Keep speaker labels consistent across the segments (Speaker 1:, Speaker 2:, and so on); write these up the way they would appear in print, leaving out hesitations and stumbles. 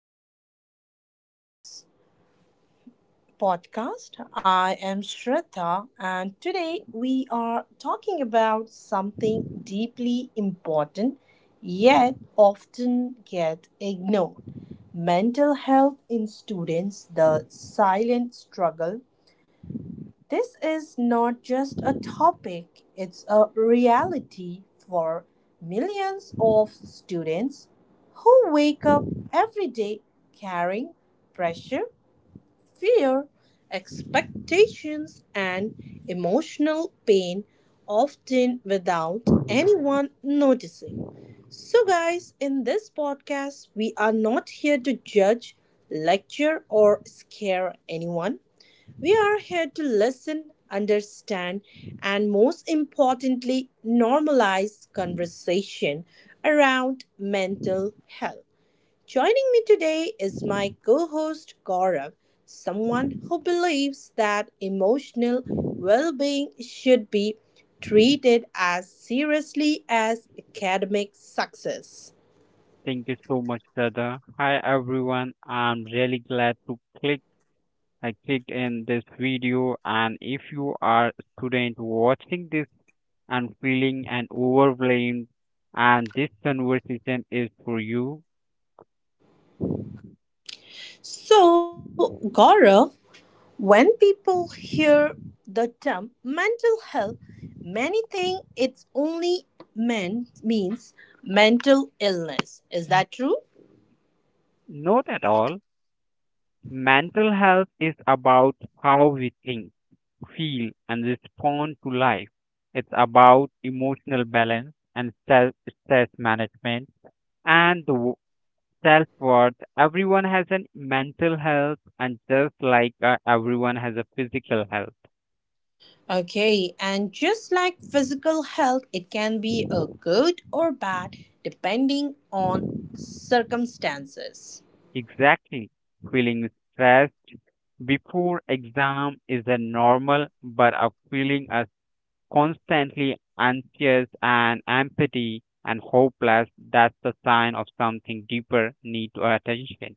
Speaker 1: welcome to this podcast. I am Shraddha, and today we are talking about something deeply important yet often get ignored: mental health in students, the silent struggle. This is not just a topic, it's a reality for millions of students who wake up every day carrying pressure, fear, expectations, and emotional pain, often without anyone noticing. So, guys, in this podcast, we are not here to judge, lecture, or scare anyone. We are here to listen, understand, and most importantly, normalize conversation around mental health. Joining me today is my co host Gaurav, someone who believes that emotional well being should be treated as seriously as academic success.
Speaker 2: Thank you so much, brother. Hi everyone. I'm really glad to clicked in this video, and if you are a student watching this and feeling and overwhelmed, and this conversation is for you.
Speaker 1: So, Gaurav, when people hear the term mental health, many think it's only men means mental illness. Is that true?
Speaker 2: Not at all. Mental health is about how we think, feel and respond to life. It's about emotional balance and self stress management and the self worth. Everyone has a mental health, and just like everyone has a physical health.
Speaker 1: Okay, and just like physical health, it can be a good or bad depending on circumstances.
Speaker 2: Exactly. Feeling stressed before exam is a normal, but a feeling as constantly anxious and empty and hopeless, that's the sign of something deeper need to attention.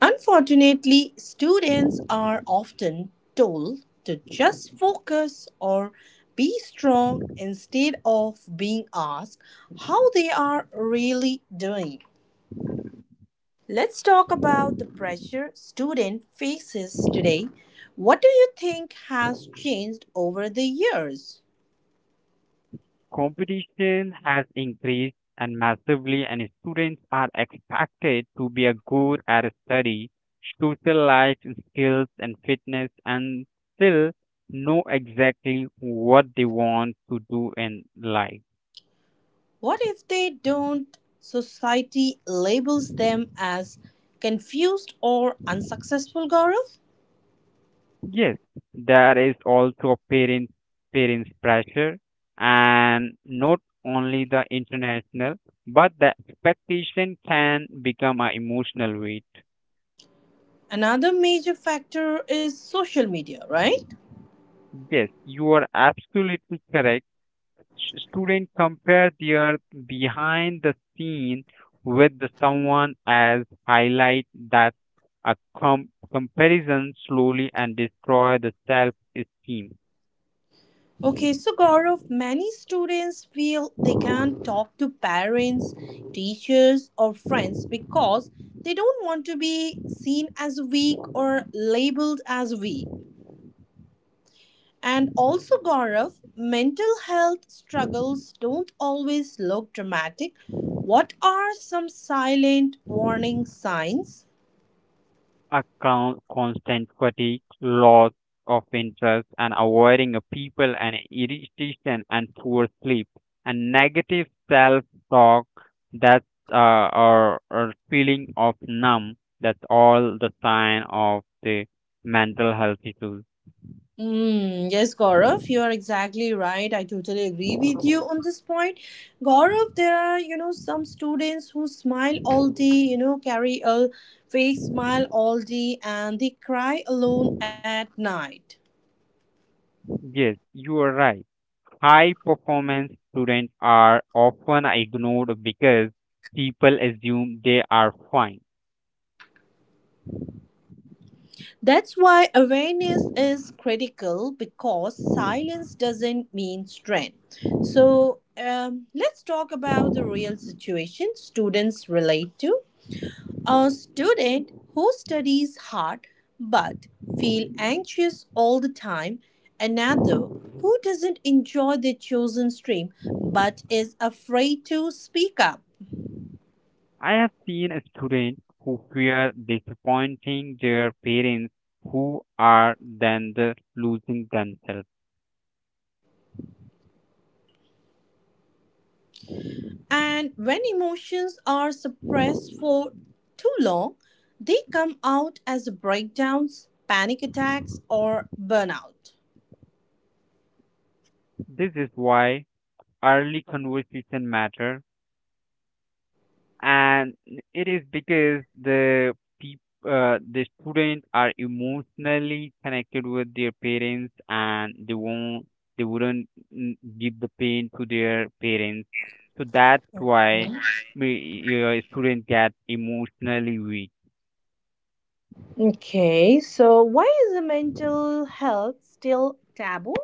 Speaker 1: Unfortunately, students are often told to just focus or be strong instead of being asked how they are really doing. Let's talk about the pressure student faces today. What do you think has changed over the years?
Speaker 2: Competition has increased and massively, and students are expected to be a good at study, social life skills, and fitness, and still know exactly what they want to do in life.
Speaker 1: What if they don't? Society labels them as confused or unsuccessful, Gaurav?
Speaker 2: Yes, there is also parents pressure, and not only the international, but the expectation can become an emotional weight.
Speaker 1: Another major factor is social media, right?
Speaker 2: Yes, you are absolutely correct. Student compare their behind the scene with the someone as highlight that a comparison slowly and destroy the self esteem.
Speaker 1: Okay, so Gaurav, many students feel they can't talk to parents, teachers, or friends because they don't want to be seen as weak or labeled as weak. And also, Gaurav, mental health struggles don't always look dramatic. What are some silent warning signs?
Speaker 2: Account constant fatigue, loss of interest, and avoiding of people and irritation and poor sleep and negative self-talk. That's or feeling of numb. That's all the sign of the mental health issues.
Speaker 1: Mm, yes, Gaurav, you are exactly right. I totally agree with you on this point. Gaurav, there are, some students who smile all day, carry a fake smile all day, and they cry alone at night.
Speaker 2: Yes, you are right. High performance students are often ignored because people assume they are fine.
Speaker 1: That's why awareness is critical because silence doesn't mean strength. So, let's talk about the real situation students relate to. A student who studies hard but feel anxious all the time, another who doesn't enjoy their chosen stream but is afraid to speak up.
Speaker 2: I have seen a student who fear disappointing their parents, who are then the losing themselves.
Speaker 1: And when emotions are suppressed for too long, they come out as breakdowns, panic attacks, or burnout.
Speaker 2: This is why early conversation matter, and it is because the the students are emotionally connected with their parents, and they won't they wouldn't give the pain to their parents. So that's why students get emotionally weak
Speaker 1: Okay, so why is the mental health still taboo,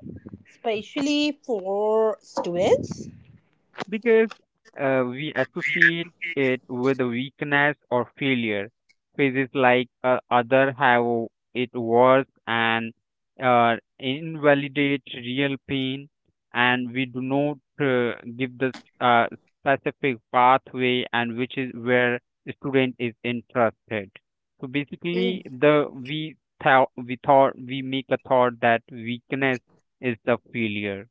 Speaker 1: especially for students?
Speaker 2: because we associate it with weakness or failure. Phases like other have it worse, and invalidate real pain, and we do not give the uh, specific pathway and which is where the student is interested. So
Speaker 1: Mm.
Speaker 2: basically, the we thought we thought we make a thought that weakness is the failure.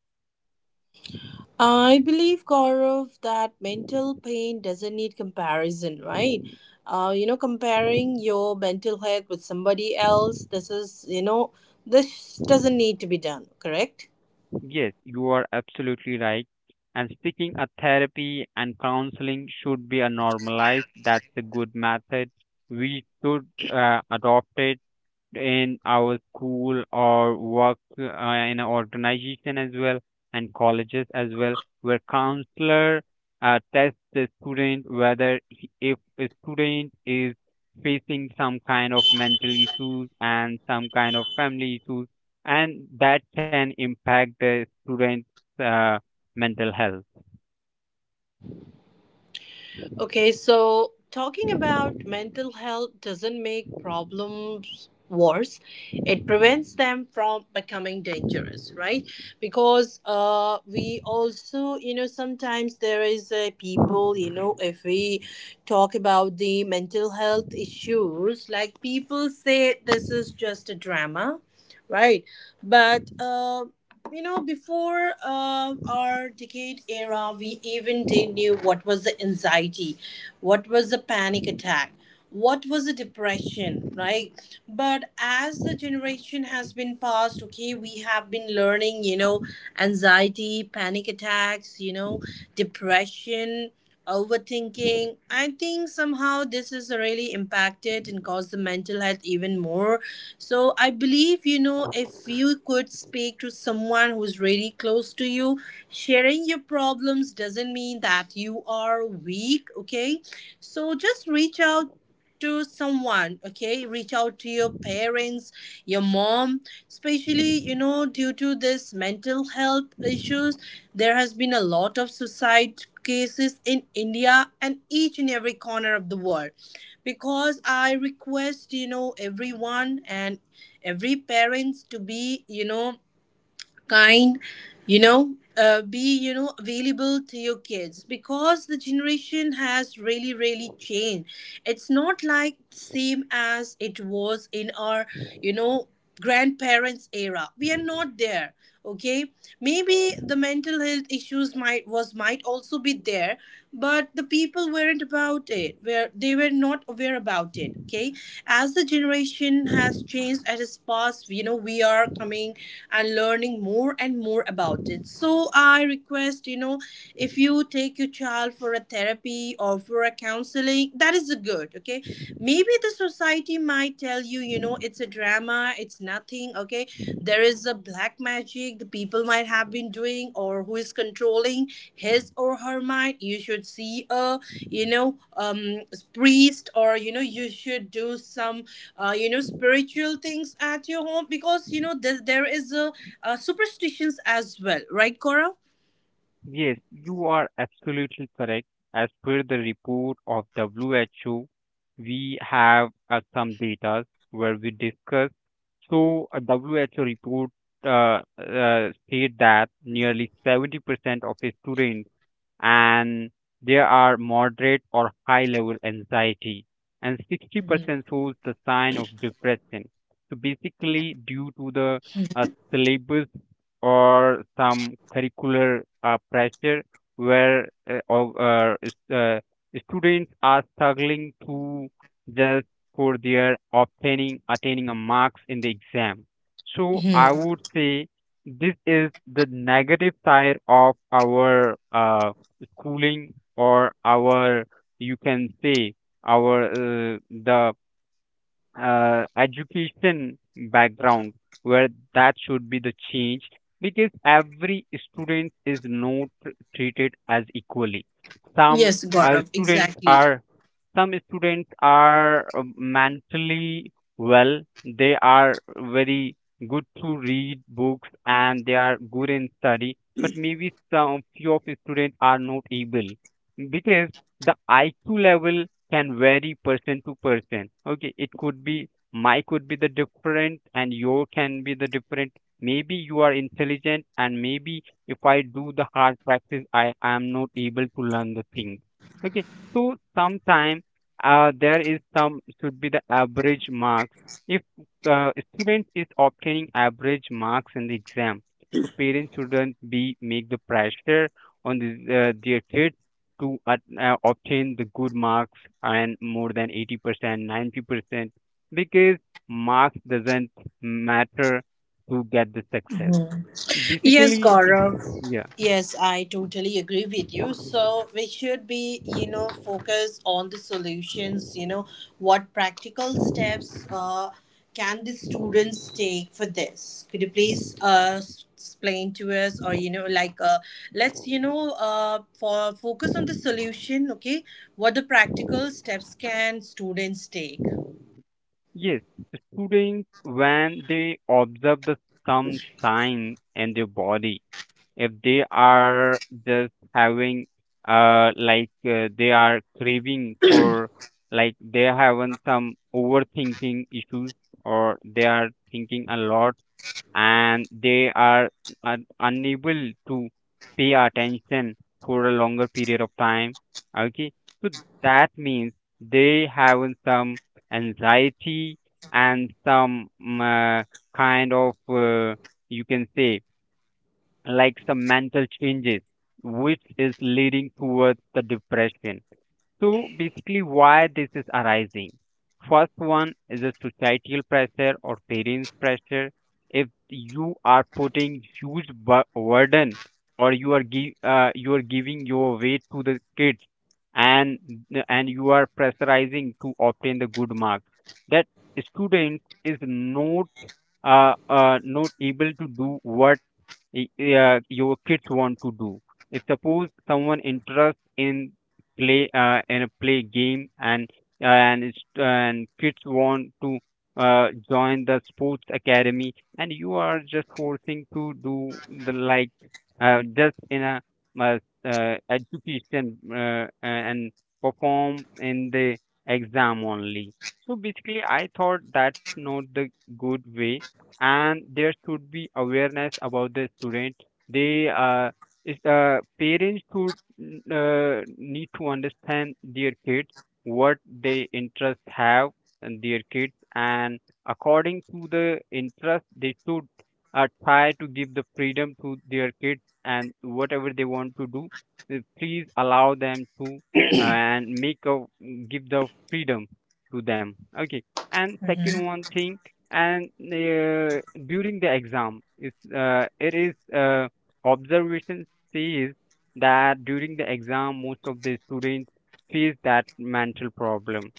Speaker 1: I believe, Gaurav, that mental pain doesn't need comparison, right? Comparing your mental health with somebody else, this is, this doesn't need to be done, correct?
Speaker 2: Yes, you are absolutely right. And seeking a therapy and counseling should be a normalized. That's a good method. We should adopt it in our school or work in an organization as well, and colleges as well, where counselor tests the student whether he, if a student is facing some kind of mental issues and some kind of family issues, and that can impact the student's uh, mental health.
Speaker 1: Okay, so talking about mental health doesn't make problems worse. It prevents them from becoming dangerous, right? Because we also, sometimes there is people, if we talk about the mental health issues, like people say this is just a drama, right? But before our decade era, we even did not knew what was the anxiety, what was the panic attack, what was the depression, right? But as the generation has been passed, okay, we have been learning, anxiety, panic attacks, depression. Overthinking, I think somehow this is really impacted and caused the mental health even more, so I believe, if you could speak to someone who's really close to you, sharing your problems doesn't mean that you are weak, okay? So just reach out to someone, okay, reach out to your parents, your mom, especially. Due to this mental health issues there has been a lot of suicide cases in India and each and every corner of the world. Because I request, everyone and every parents to be, kind, be, available to your kids because the generation has really really changed. It's not like same as it was in our, you know grandparents era. We are not there, okay. Maybe the mental health issues might also be there, but the people weren't ignorant about it where they were not aware about it, okay. As the generation has changed, as has passed, we are coming and learning more and more about it. So I request, if you take your child for a therapy or for a counseling, that is a good, okay. Maybe the society might tell you, you know it's a drag drama, it's nothing, okay. There is a black magic the people might have been doing, or who is controlling his or her mind, you should see a, you know um priest, or you should do some spiritual things at your home because there is a, superstitions as well, right, Gaurav?
Speaker 2: Yes, you are absolutely correct. As per the report of WHO, we have some data where we discuss. So, a WHO report state that nearly 70% of students and there are moderate or high level anxiety, and 60% shows the sign of depression. So basically, due to the syllabus or some curricular pressure where students are struggling to just for their obtaining attaining a marks in the exam. So I
Speaker 1: Hmm.
Speaker 2: would say this is the negative side of our cooling or our, you can say, our the education background, where that should be the change, because every student is not treated as equally. some
Speaker 1: Yes,
Speaker 2: uh,
Speaker 1: Gaurav,
Speaker 2: students
Speaker 1: exactly.
Speaker 2: are some students are mentally well. They are very good to read books and they are good in study, but maybe some few of the students are not able because the IQ level can vary person to person. Okay, it could be my could be the different and your can be the different. Maybe you are intelligent and maybe if I do the hard practice, I am not able to learn the thing. Okay, so sometime there is some should be the average marks. If student is obtaining average marks in the exam, so parents shouldn't be make the pressure on the, their kids to obtain the good marks and more than 80%, 90%, because marks doesn't matter to get the success.
Speaker 1: Yes,
Speaker 2: Basically,
Speaker 1: Gaurav.
Speaker 2: yeah.
Speaker 1: Yes, I totally agree with you. So we should be, focus on the solutions. What practical steps can the students take for this? Could you please explain to us, or, like let's, for focus on the solution, okay? What the practical steps can students take?
Speaker 2: Yes, students when they observe the some sign in their body, if they are just having they are craving for, like they having some overthinking issues or they are thinking a lot and they are unable to pay attention for a longer period of time. Okay, so that means they have some anxiety and some kind of, you can say, like some mental changes which is leading towards the depression. So basically, why this is arising? First one is a societal pressure or parents' pressure. If you are putting huge burden, or you are give you are giving your weight to the kids, and and you are pressurizing to obtain the good marks, that student is not not able to do what y- your kids want to do. If suppose someone interest in play game, and it's, and kids want to join the sports academy, and you are just forcing to do the like just in a uh, education and perform in the exam only. So basically, I thought that's not the good way, and there should be awareness about the student. They is parents should need to understand their kids, what they interest have and their kids, and according to the interest they should try to give the freedom to their kids, and whatever they want to do, please allow them to and make a give the freedom to them. Okay, and second one thing, and during the exam, it is uh, observation sees that during the exam, most of the students face that mental problem,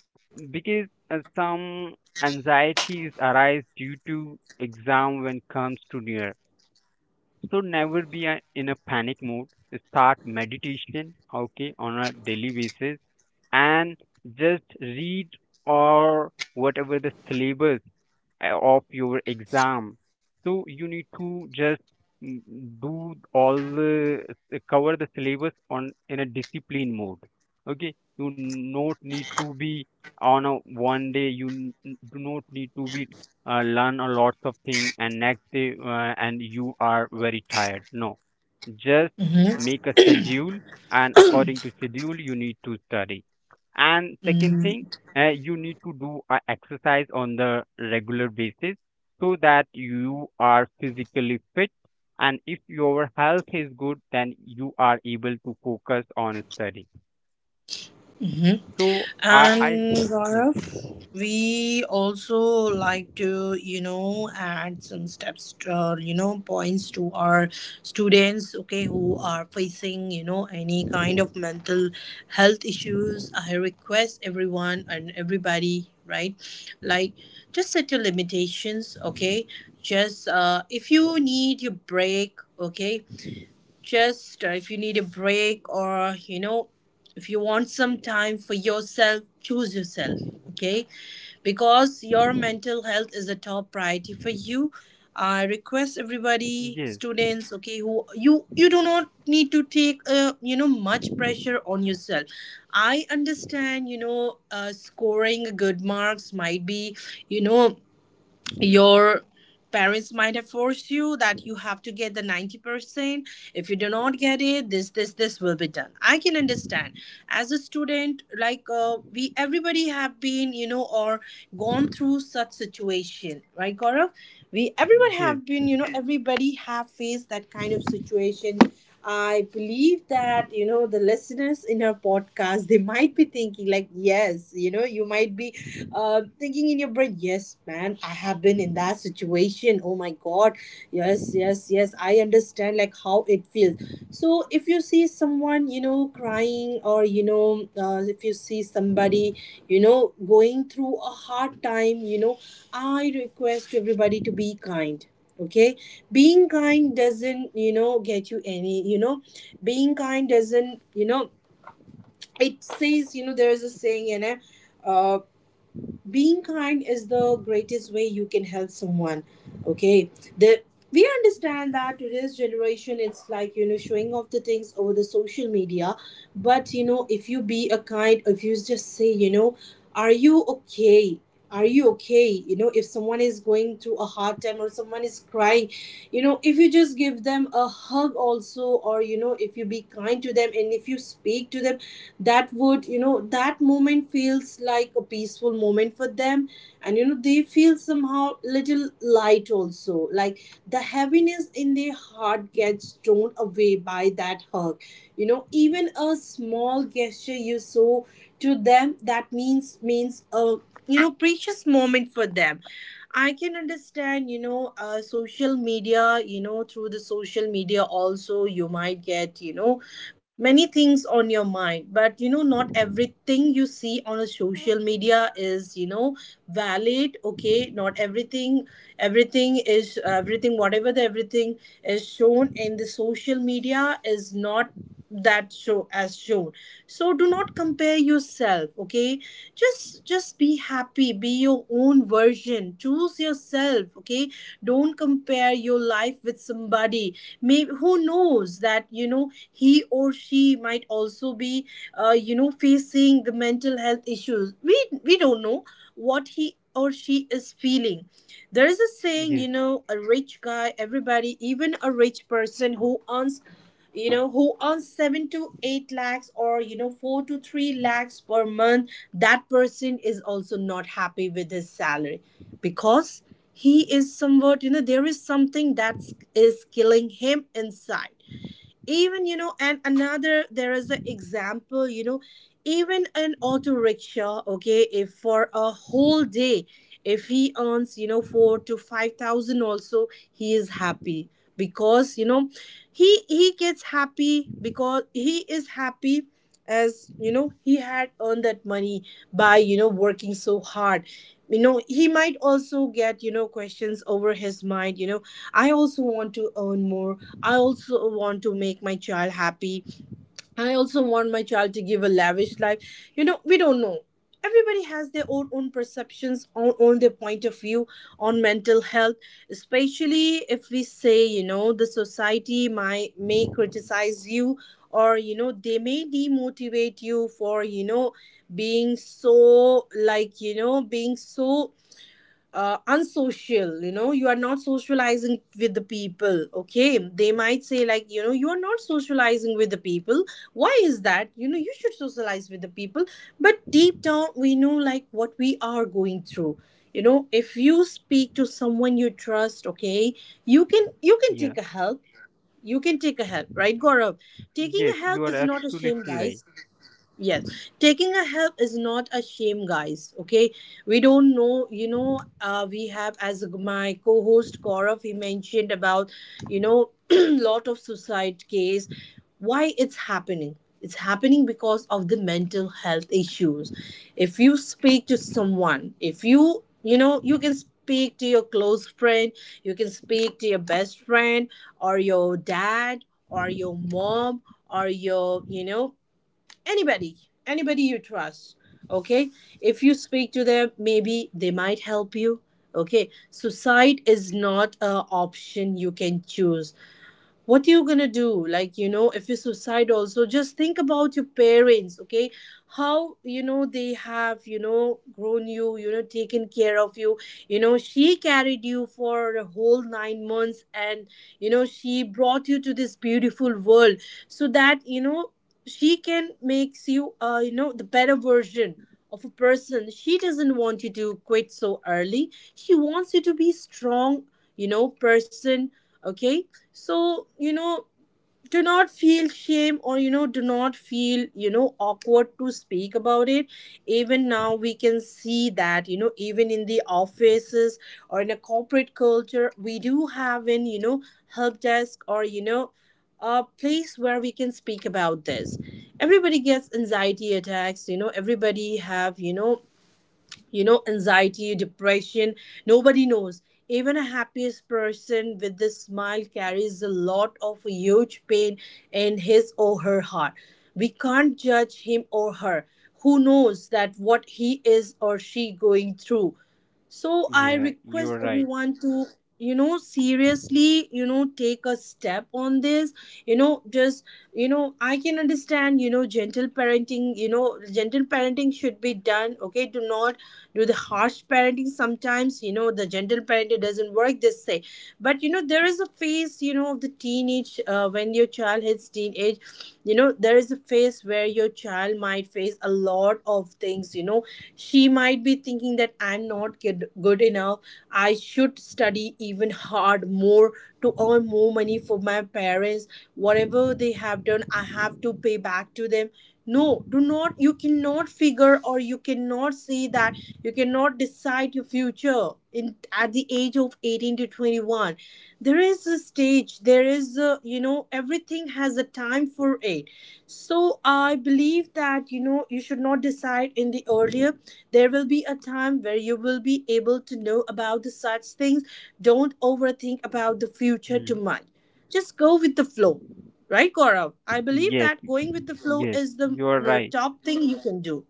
Speaker 2: because some anxieties arise due to exam when comes to near. So never be a, in a panic mode. Start meditation, okay, on a daily basis, and just read or whatever the syllabus of your exam. So you need to just mm, do all the cover the syllabus on in a discipline mode. Okay, you not need to be on a one day. You do not need to be learn a lots of thing and next day and you are very tired. No, just make a schedule, and according to schedule you need to study. And second
Speaker 1: Mm-hmm.
Speaker 2: thing, you need to do a exercise on the regular basis, so that you are physically fit. And if your health is good, then you are able to focus on study. So I
Speaker 1: And
Speaker 2: yes,
Speaker 1: Gaurav, we also like to, add some steps, or points to our students, okay, who are facing, any kind of mental health issues. I request everyone and everybody, right, like just set your limitations, okay. Just if you need your break, okay, just if you need a break, or if you want some time for yourself, choose yourself, okay, because your mental health is a top priority for you. I request everybody,
Speaker 2: yes,
Speaker 1: students, okay, who you do not need to take, much pressure on yourself. I understand, scoring good marks might be, you know your parents might have forced you that you have to get the 90%. If you do not get it, this will be done, I can understand. As a student, like we, everybody have been, or gone through such situation, right, Gaurav? We, everyone
Speaker 2: yes,
Speaker 1: have been, everybody have faced that kind of situation. I believe that the listeners in our podcast, they might be thinking, like, yes, you might be, thinking in your brain, yes, man, I have been in that situation, oh my god, yes, yes, yes, I understand like how it feels. So if you see someone, crying or, if you see somebody, going through a hard time, I request everybody to be kind, okay. Being kind doesn't, get you any, being kind doesn't, it says, there's a saying in it, uh being kind is the greatest way you can help someone, okay. The we understand that today's generation, it's like, showing off the things over the social media. But, if you be a kind, if you just say, are you okay, are you okay? If someone is going through a hard time or someone is crying, if you just give them a hug also, or, if you be kind to them and if you speak to them, that would, that moment feels like a peaceful moment for them. And, they feel somehow little light also, like the heaviness in their heart gets torn away by that hug. Even a small gesture you saw to them, that means a, precious moment for them. I can understand, social media, through the social media also you might get, many things on your mind. But, not everything you see on a social media is, valid, okay. Not everything, everything is everything, whatever the everything is shown in the social media is not that show as shown. So do not compare yourself, okay. Just be happy, be your own version, choose yourself, okay. Don't compare your life with somebody. Maybe who knows that, he or she might also be, facing the mental health issues. We don't know what he or she is feeling. There is a saying,
Speaker 2: yes,
Speaker 1: a rich guy, everybody, even a rich person who earns, who earns 7 to 8 lakhs or, 4 to 3 lakhs per month, that person is also not happy with his salary, because he is somewhat, there is something that is killing him inside, even. And another, there is an example, even an auto rickshaw, okay, if for a whole day if he earns, 4 to 5 thousand also, he is happy, because, he gets happy because he is happy, as he had earned that money by, working so hard. He might also get, questions over his mind, I also want to earn more. I also want to make my child happy. I also want my child to give a lavish life. We don't know. Everybody has their own perceptions, on their point of view on mental health, especially if we say, the society might may criticize you, or they may demotivate you for being so unsocial. You are not socializing with the people. Okay, they might say, like, you are not socializing with the people. Why is that? You should socialize with the people. But deep down we know like what we are going through. If you speak to someone you trust, okay, you can
Speaker 2: yeah,
Speaker 1: take a help. You can take a help, right, Gaurav? Taking
Speaker 2: yes.
Speaker 1: a help
Speaker 2: You are
Speaker 1: is not a shame,
Speaker 2: absolutely
Speaker 1: guys.
Speaker 2: right.
Speaker 1: Yes, taking a help is not a shame, guys. Okay, we don't know. We have, as my co-host Gaurav, he mentioned about, lot of suicide case. Why it's happening? It's happening because of the mental health issues. If you speak to someone, if you can speak to your close friend, you can speak to your best friend, or your dad or your mom, or your, you know anybody anybody you trust. Okay, if you speak to them, maybe they might help you. Okay, suicide is not a option you can choose. What you gonna do? Like, if you're suicidal, so just think about your parents. Okay, how they have grown you, you know taken care of you. You know she carried you for a whole 9 months, and she brought you to this beautiful world, so that she can makes you you know the better version of a person. She doesn't want you to quit so early. She wants you to be strong person. Okay, so do not feel shame, or do not feel awkward to speak about it. Even now we can see that even in the offices or in a corporate culture, we do have an help desk, or a place where we can speak about this. Everybody gets anxiety attacks. Everybody have anxiety, depression. Nobody knows. Even a happiest person with this smile carries a lot of huge pain in his or her heart. We can't judge him or her. Who knows that what he is or she going through? So I
Speaker 2: Yeah,
Speaker 1: request
Speaker 2: you're right.
Speaker 1: everyone to seriously take a step on this. You know just you know I can understand, gentle parenting should be done. Okay, do not do the harsh parenting. Sometimes the gentle parenting doesn't work, they say. But there is a phase, of the teenage, when your child hits teenage. There is a phase place where your child might face a lot of things. She might be thinking that I'm not good enough. I should study even hard more to earn more money for my parents. Whatever they have done, I have to pay back to them. No, do not you cannot figure, or you cannot say that you cannot decide your future in at the age of 18 to 21. There is a stage. There is a you know Everything has a time for it. So I believe that you should not decide in the earlier. There will be a time where you will be able to know about the such things. Don't overthink about the future too
Speaker 2: Hmm.
Speaker 1: much. Just go with the flow, right, Gaurav? I believe
Speaker 2: Yes,
Speaker 1: that going with the flow
Speaker 2: yes,
Speaker 1: is the
Speaker 2: you're right.
Speaker 1: top thing you can do.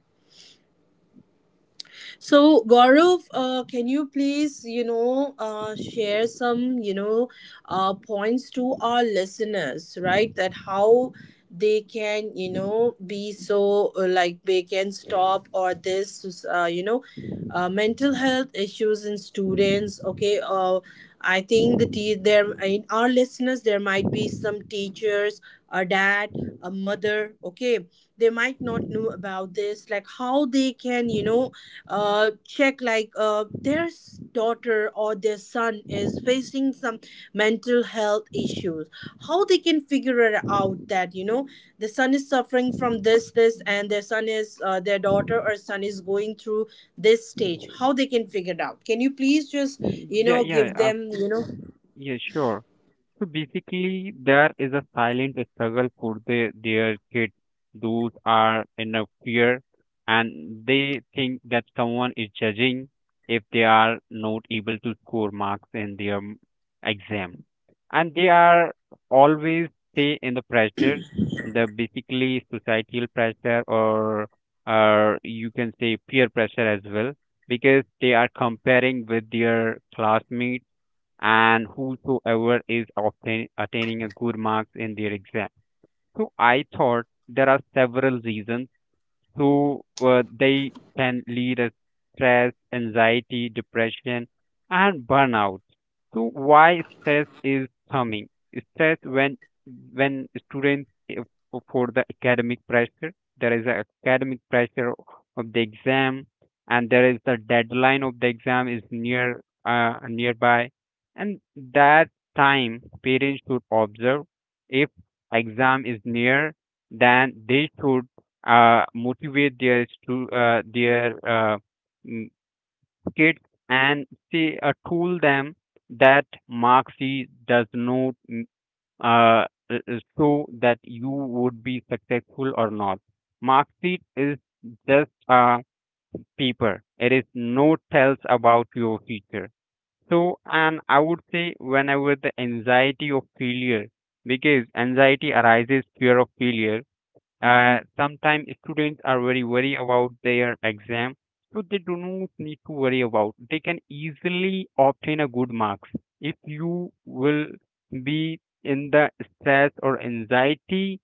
Speaker 1: So, Gaurav, can you please, share some, points to our listeners, right? That how they can, be so, like, they can stop or this, mental health issues in students. Okay, I think there in our listeners there might be some teachers, a dad, a mother. Okay, they might not know about this, like how they can, check, like daughter or their son is facing some mental health issues. How they can figure it out that the son is suffering from this, and their daughter or son is going through this stage. How they can figure it out? Can you please just
Speaker 2: Yeah, yeah,
Speaker 1: give them you know
Speaker 2: yeah, sure. So basically, there is a silent struggle for the, their kids. Those are in a fear, and they think that someone is judging if they are not able to score marks in their exam. And they are always stay in the pressure, the basically societal pressure, or you can say peer pressure as well, because they are comparing with their classmates and whosoever is attaining a good marks in their exam. So I thought there are several reasons, so they can lead us stress, anxiety, depression, and burnout. So why stress is coming? Stress when students uh, for the academic pressure, there is a academic pressure of the exam, and there is the deadline of the exam is near nearby, and that time parents should observe, if exam is near then they should motivate their their mm, kids and say tool them that mark sheet does not uh, show that you would be successful or not. Mark sheet is just a paper. It is no tells about your future. So, and I would say whenever the anxiety of failure, because anxiety arises fear of failure, sometimes students are very worried about their exam, so they do not need to worry about they can easily obtain a good marks. If you will be in the stress or anxiety,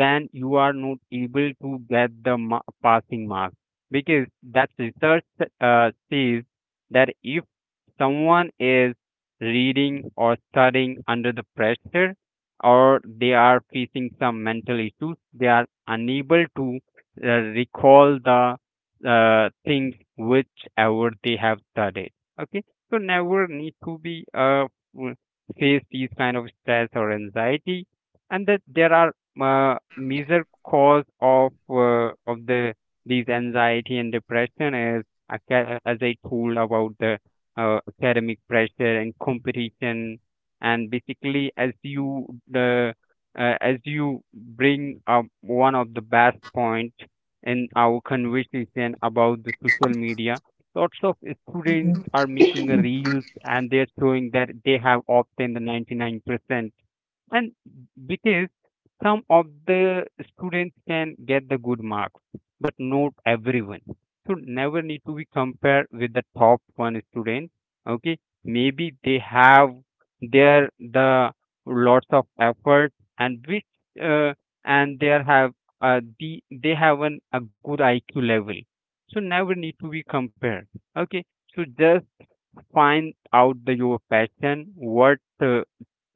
Speaker 2: then you are not able to get the passing mark, because that research says that if someone is reading or studying under the pressure or they are facing some mental issues, they are unable to uh, recall the things whichever they have studied. Okay, so never need to be w- face these kind of stress or anxiety. And that there are major cause of the these anxiety and depression is as I told about the academic pressure and competition. And basically, as you the as you bring up one of the best point in our conversation about the social media, lots of students are making a reels, and they're showing that they have obtained the 99%. And because some of the students can get the good marks, but not everyone. So never need to be compared with the top one student. Okay, maybe they have their the lots of effort and which uh, and they are have the they have an a good IQ level. So never need to be compared. Okay, so just find out the, your passion, what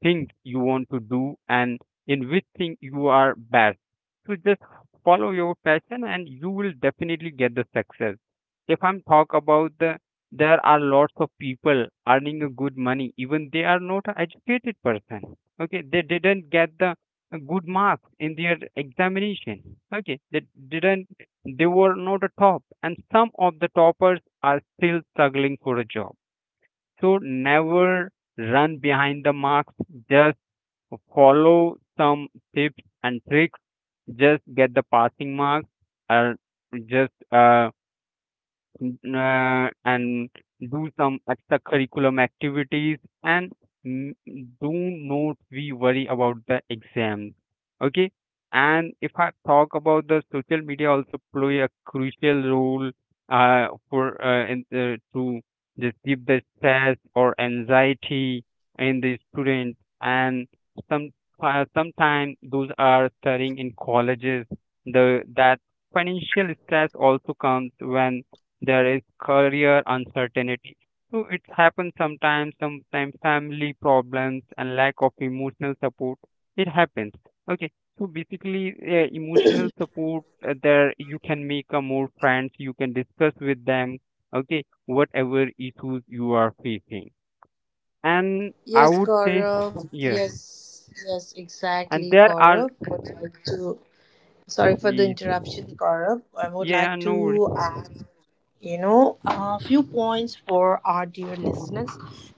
Speaker 2: things you want to do, and in which thing you are best. So just follow your passion, and you will definitely get the success. If I'm talk about the, there are lots of people earning a good money, even they are not a educated person. Okay, they didn't get the good marks in their examination. Okay, they didn't, they were not a top, and some of the toppers are still struggling for a job. So never run behind the marks, just follow some tips and tricks, just get the passing marks, or just N and do some extracurriculum activities and n do not we worry about the exams. Okay. And if I talk about the social media also play a crucial role to just give the stress or anxiety in the student, and some sometimes those are studying in colleges, the that financial stress also comes when there is career uncertainty. So it happens sometimes, sometimes family problems and lack of emotional support. It happens. Okay. So basically, emotional support there you can make a more friends. You can discuss with them. Okay, whatever issues you are facing. And I
Speaker 1: Yes,
Speaker 2: would say,
Speaker 1: Gaurav.
Speaker 2: yes.
Speaker 1: Yes, yes,
Speaker 2: And
Speaker 1: exactly,
Speaker 2: there are,
Speaker 1: Gaurav. Would like to— sorry for the
Speaker 2: yes,
Speaker 1: interruption, Gaurav. I would
Speaker 2: yeah,
Speaker 1: like
Speaker 2: no.
Speaker 1: to add, a few points for our dear listeners.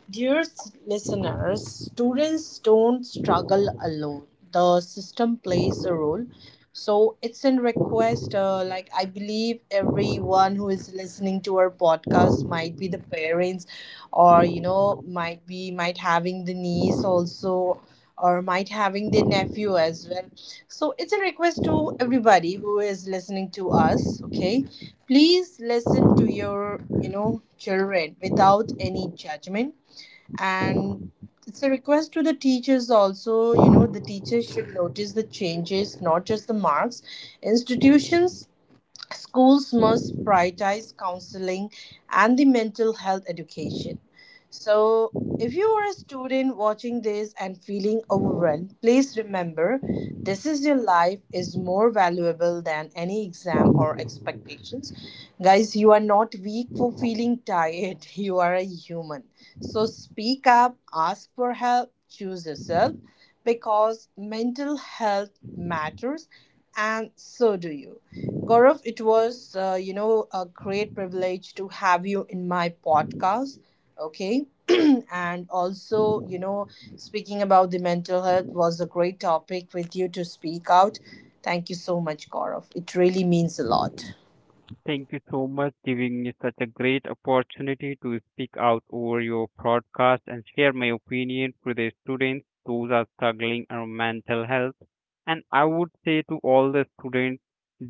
Speaker 1: Dear listeners, students don't struggle alone. The system plays a role. So it's in request. Like, I believe everyone who is listening to our podcast might be the parents, or might having the niece also, or might having the nephew as well. So it's a request to everybody who is listening to us, okay? Please listen to your, children without any judgment, and it's a request to the teachers also. The teachers should notice the changes, not just the marks. Institutions, schools must prioritize counseling and the mental health education. So, if you are a student watching this and feeling overwhelmed, please remember this is your life is more valuable than any exam or expectations. Guys, you are not weak for feeling tired. You are a human. So speak up, ask for help, choose yourself, because mental health matters, and so do you. Gaurav, it was, a great privilege to have you in my podcast. Okay. And also, speaking about the mental health was a great topic with you to speak out. Thank you so much, Gaurav. It really means a lot.
Speaker 2: Thank you so much giving me such a great opportunity to speak out over your podcast and share my opinion to the students those are struggling around mental health. And I would say to all the students,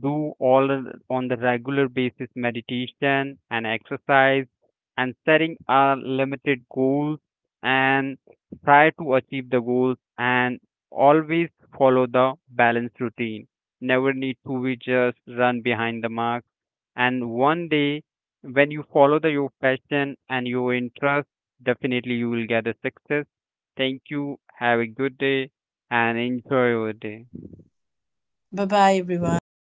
Speaker 2: do on the regular basis meditation and exercise, and setting a limited goals, and try to achieve the goals, and always follow the balanced routine. Never need to be just run behind the mark, and one day when you follow the your passion and your interest, definitely you will get a success. Thank you, have a good day and enjoy your day.
Speaker 1: Bye bye, everyone.